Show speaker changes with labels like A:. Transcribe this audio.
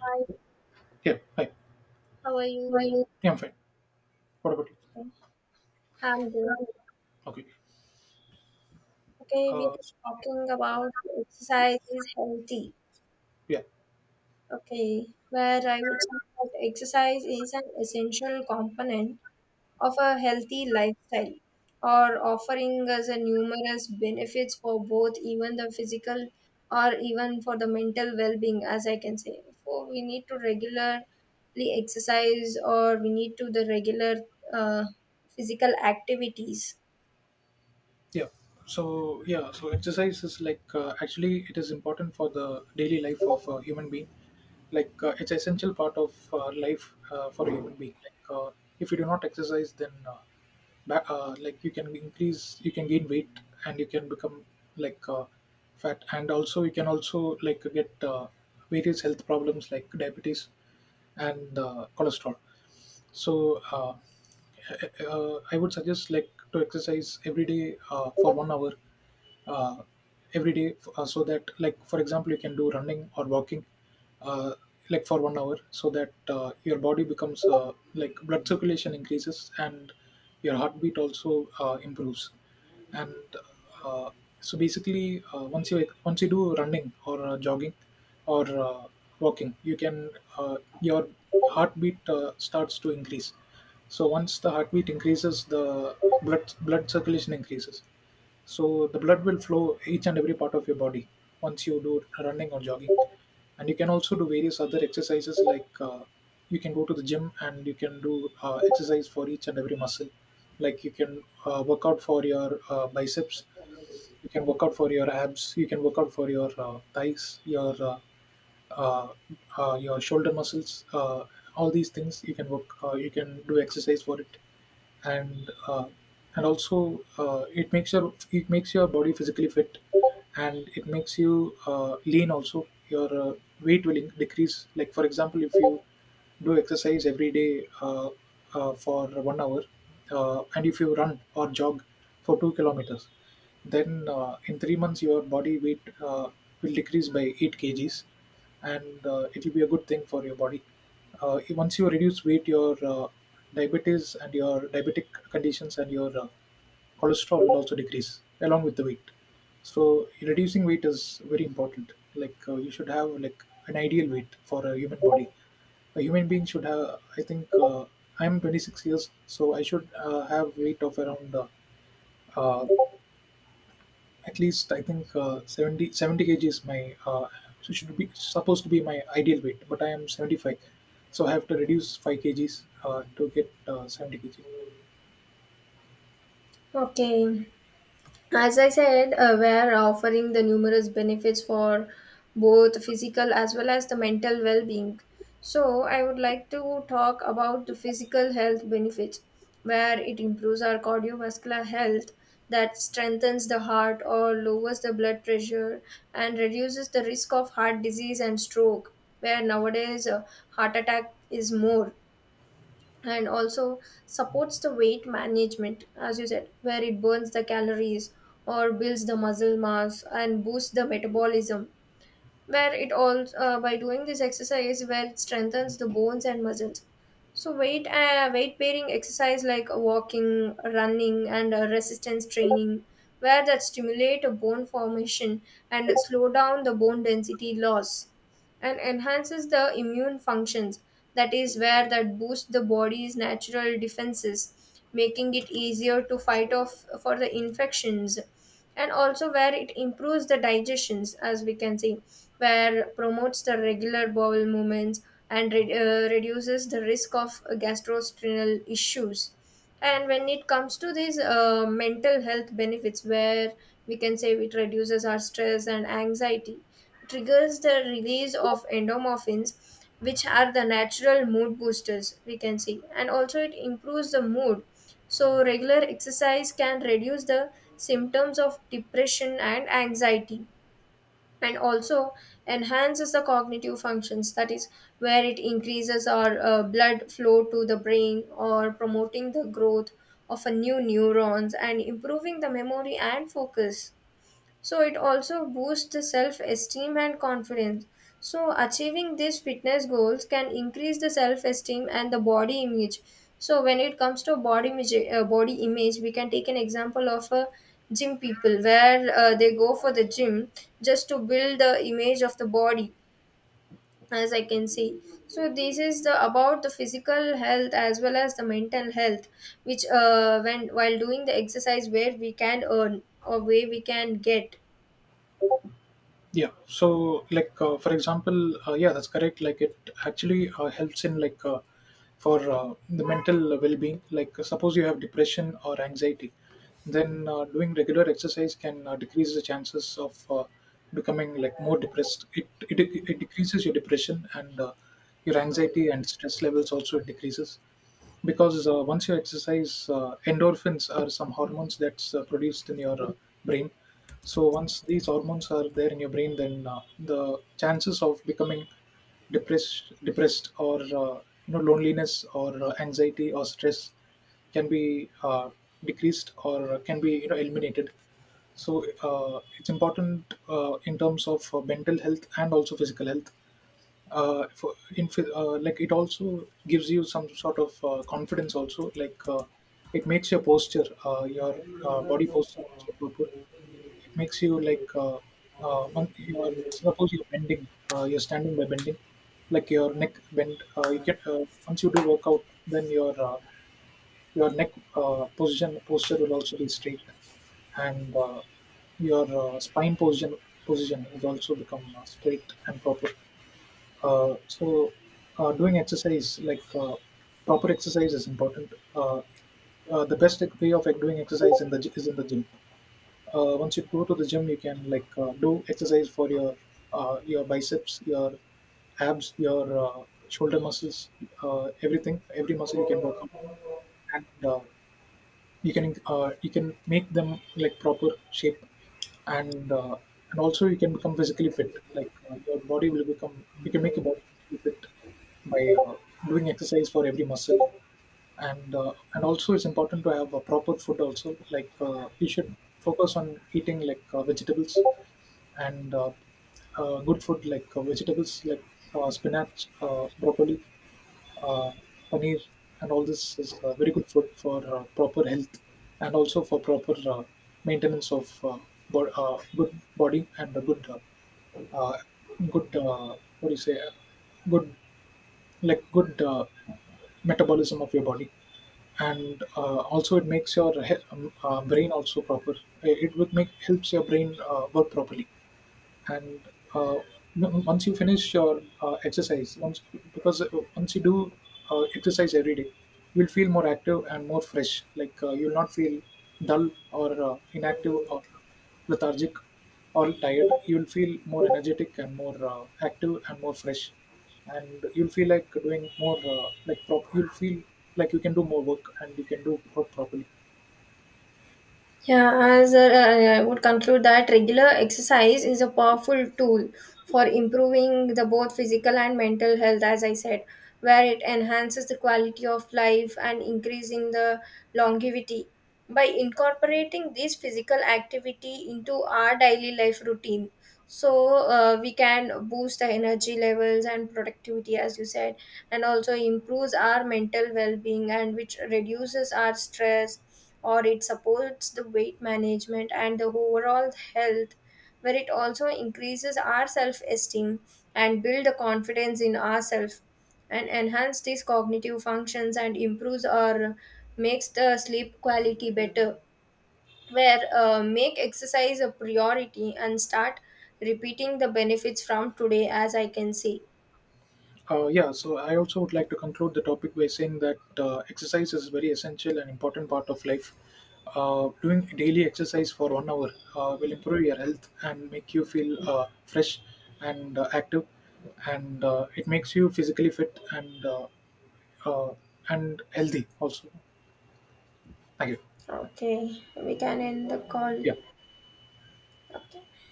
A: Hi,
B: Yeah. Hi.
A: how are you?
B: Well, yeah, I'm fine. What about you?
A: Okay, I'm good.
B: From Okay.
A: Okay, we
B: Uh,
A: are talking about exercise is healthy.
B: yeah.
A: Okay, where I would say that exercise is an essential component of a healthy lifestyle, or offering us a numerous benefits for both even the physical or even for the mental well-being, as I can say. For we need to regularly exercise, or we need to the regular uh, physical activities.
B: Yeah. So exercise is actually it is important for the daily life of a human being. It's essential part of life for a human being. If you do not exercise, then back, like you can increase, you can gain weight, and you can become like uh, fat, and also you can also get various health problems like diabetes and cholesterol. So uh, I would suggest like to exercise every day for 1 hour uh, every day, so that like for example you can do running or walking, uh, like for 1 hour, so that your body becomes like blood circulation increases and your heartbeat also improves. And uh, so basically, once you do running or jogging or walking, you can your heartbeat starts to increase. So once the heartbeat increases, the blood circulation increases, so the blood will flow each and every part of your body once you do running or jogging. And you can also do various other exercises like, you can go to the gym and you can do exercise for each and every muscle. Like you can work out for your biceps, you can work out for your abs, you can work out for your thighs, uh, your shoulder muscles, all these things you can work you can do exercise for it. And uh, and also, it makes your body physically fit, and it makes you lean also. Your weight will decrease. Like for example, if you do exercise every day, for 1 hour, and if you run or jog for 2 kilometers, then in 3 months your body weight will decrease by 8 kgs, and it will be a good thing for your body. Once you reduce weight, your diabetes and your diabetic conditions and your cholesterol will also decrease along with the weight. So reducing weight is very important. You should have like an ideal weight for a human body, a human being should have. I think I'm 26 years, so I should have weight of around, uh, at least I think, 70, 70 kg is my so should be supposed to be my ideal weight, but I am 75, so I have to reduce 5 kgs to get 70 kg.
A: Okay. As I said, we're offering the numerous benefits for both physical as well as the mental well being. So, I would like to talk about the physical health benefits, where it improves our cardiovascular health, that strengthens the heart or lowers the blood pressure, and reduces the risk of heart disease and stroke, where nowadays heart attack is more. And also supports the weight management, as you said, where it burns the calories or builds the muscle mass and boosts the metabolism, where it also by doing this exercise, where it strengthens the bones and muscles. So weight bearing exercise like walking, running and resistance training, where that stimulate a bone formation and slow down the bone density loss, and enhances the immune functions, that is where that boosts the body's natural defenses, making it easier to fight off for the infections. And also where it improves the digestions, as we can see, where promotes the regular bowel movements and reduces the risk of gastrointestinal issues. And when it comes to these mental health benefits, where we can say it reduces our stress and anxiety, triggers the release of endomorphins, which are the natural mood boosters, we can see. And also it improves the mood, so regular exercise can reduce the symptoms of depression and anxiety. And also enhances the cognitive functions, that is where it increases our blood flow to the brain, or promoting the growth of a new neurons and improving the memory and focus. So it also boosts the self esteem and confidence. So achieving these fitness goals can increase the self esteem and the body image. So when it comes to body image, we can take an example of a gym people, where they go for the gym just to build the image of the body, as I can see. So this is the about the physical health as well as the mental health, which when while doing the exercise, where we can earn or where we can get.
B: Yeah. So for example, yeah, that's correct. It actually helps in like for the mental well-being. Suppose you have depression or anxiety, then doing regular exercise can decrease the chances of becoming like more depressed. It decreases your depression and your anxiety and stress levels also decreases, because once you exercise, endorphins are some hormones that's produced in your brain. So once these hormones are there in your brain, then the chances of becoming depressed or you know loneliness or anxiety or stress can be decreased or can be, you know, eliminated. So it's important in terms of mental health and also physical health. For in Like, it also gives you some sort of confidence also. It makes your posture, your body posture also proper. It makes you you are, suppose you're bending, you're standing by bending, like your neck bend, you get once you do workout, then your neck position posture will also be straight, and your spine position has also become straight and proper. uh, so, Doing exercise, proper exercise, is important. The best way of like doing exercise in the is in the gym. Once you go to the gym, you can do exercise for your biceps, your abs, your shoulder muscles, everything, every muscle you can work out, and you can make them like proper shape. And uh, and also, you can become physically fit. Your body will become, you can make your body physically fit by doing exercise for every muscle. And also, it's important to have a proper food also. You should focus on eating vegetables and good food, vegetables like spinach, broccoli, uh, paneer, and all this is very good food for proper health, and also for proper maintenance of good body and a good, uh, good, what do you say, good like good metabolism of your body. And also it makes your brain also proper. It would make helps your brain work properly. And once you finish your exercise once, because once you do exercise every day, you'll feel more active and more fresh. You'll not feel dull or inactive or lethargic or tired. You'll feel more energetic and more active and more fresh, and you'll feel like doing more, like prop you'll feel like you can do more work and you can do work properly.
A: Yeah, as a, I would conclude that regular exercise is a powerful tool for improving the both physical and mental health, as I said, where it enhances the quality of life and increasing the longevity. By incorporating this physical activity into our daily life routine, so we can boost the energy levels and productivity, as you said, and also improves our mental well-being, and which reduces our stress, or it supports the weight management and the overall health, where it also increases our self-esteem and build the confidence in ourselves, and enhance these cognitive functions and improves or makes the sleep quality better, where make exercise a priority and start repeating the benefits from today, as I can see.
B: Yeah, so I also would like to conclude the topic by saying that exercise is a very essential and important part of life. Doing daily exercise for 1 hour will improve your health and make you feel fresh and active, and it makes you physically fit uh, and healthy also. Thank you.
A: Okay, we can end the call.
B: Yeah.
A: Okay.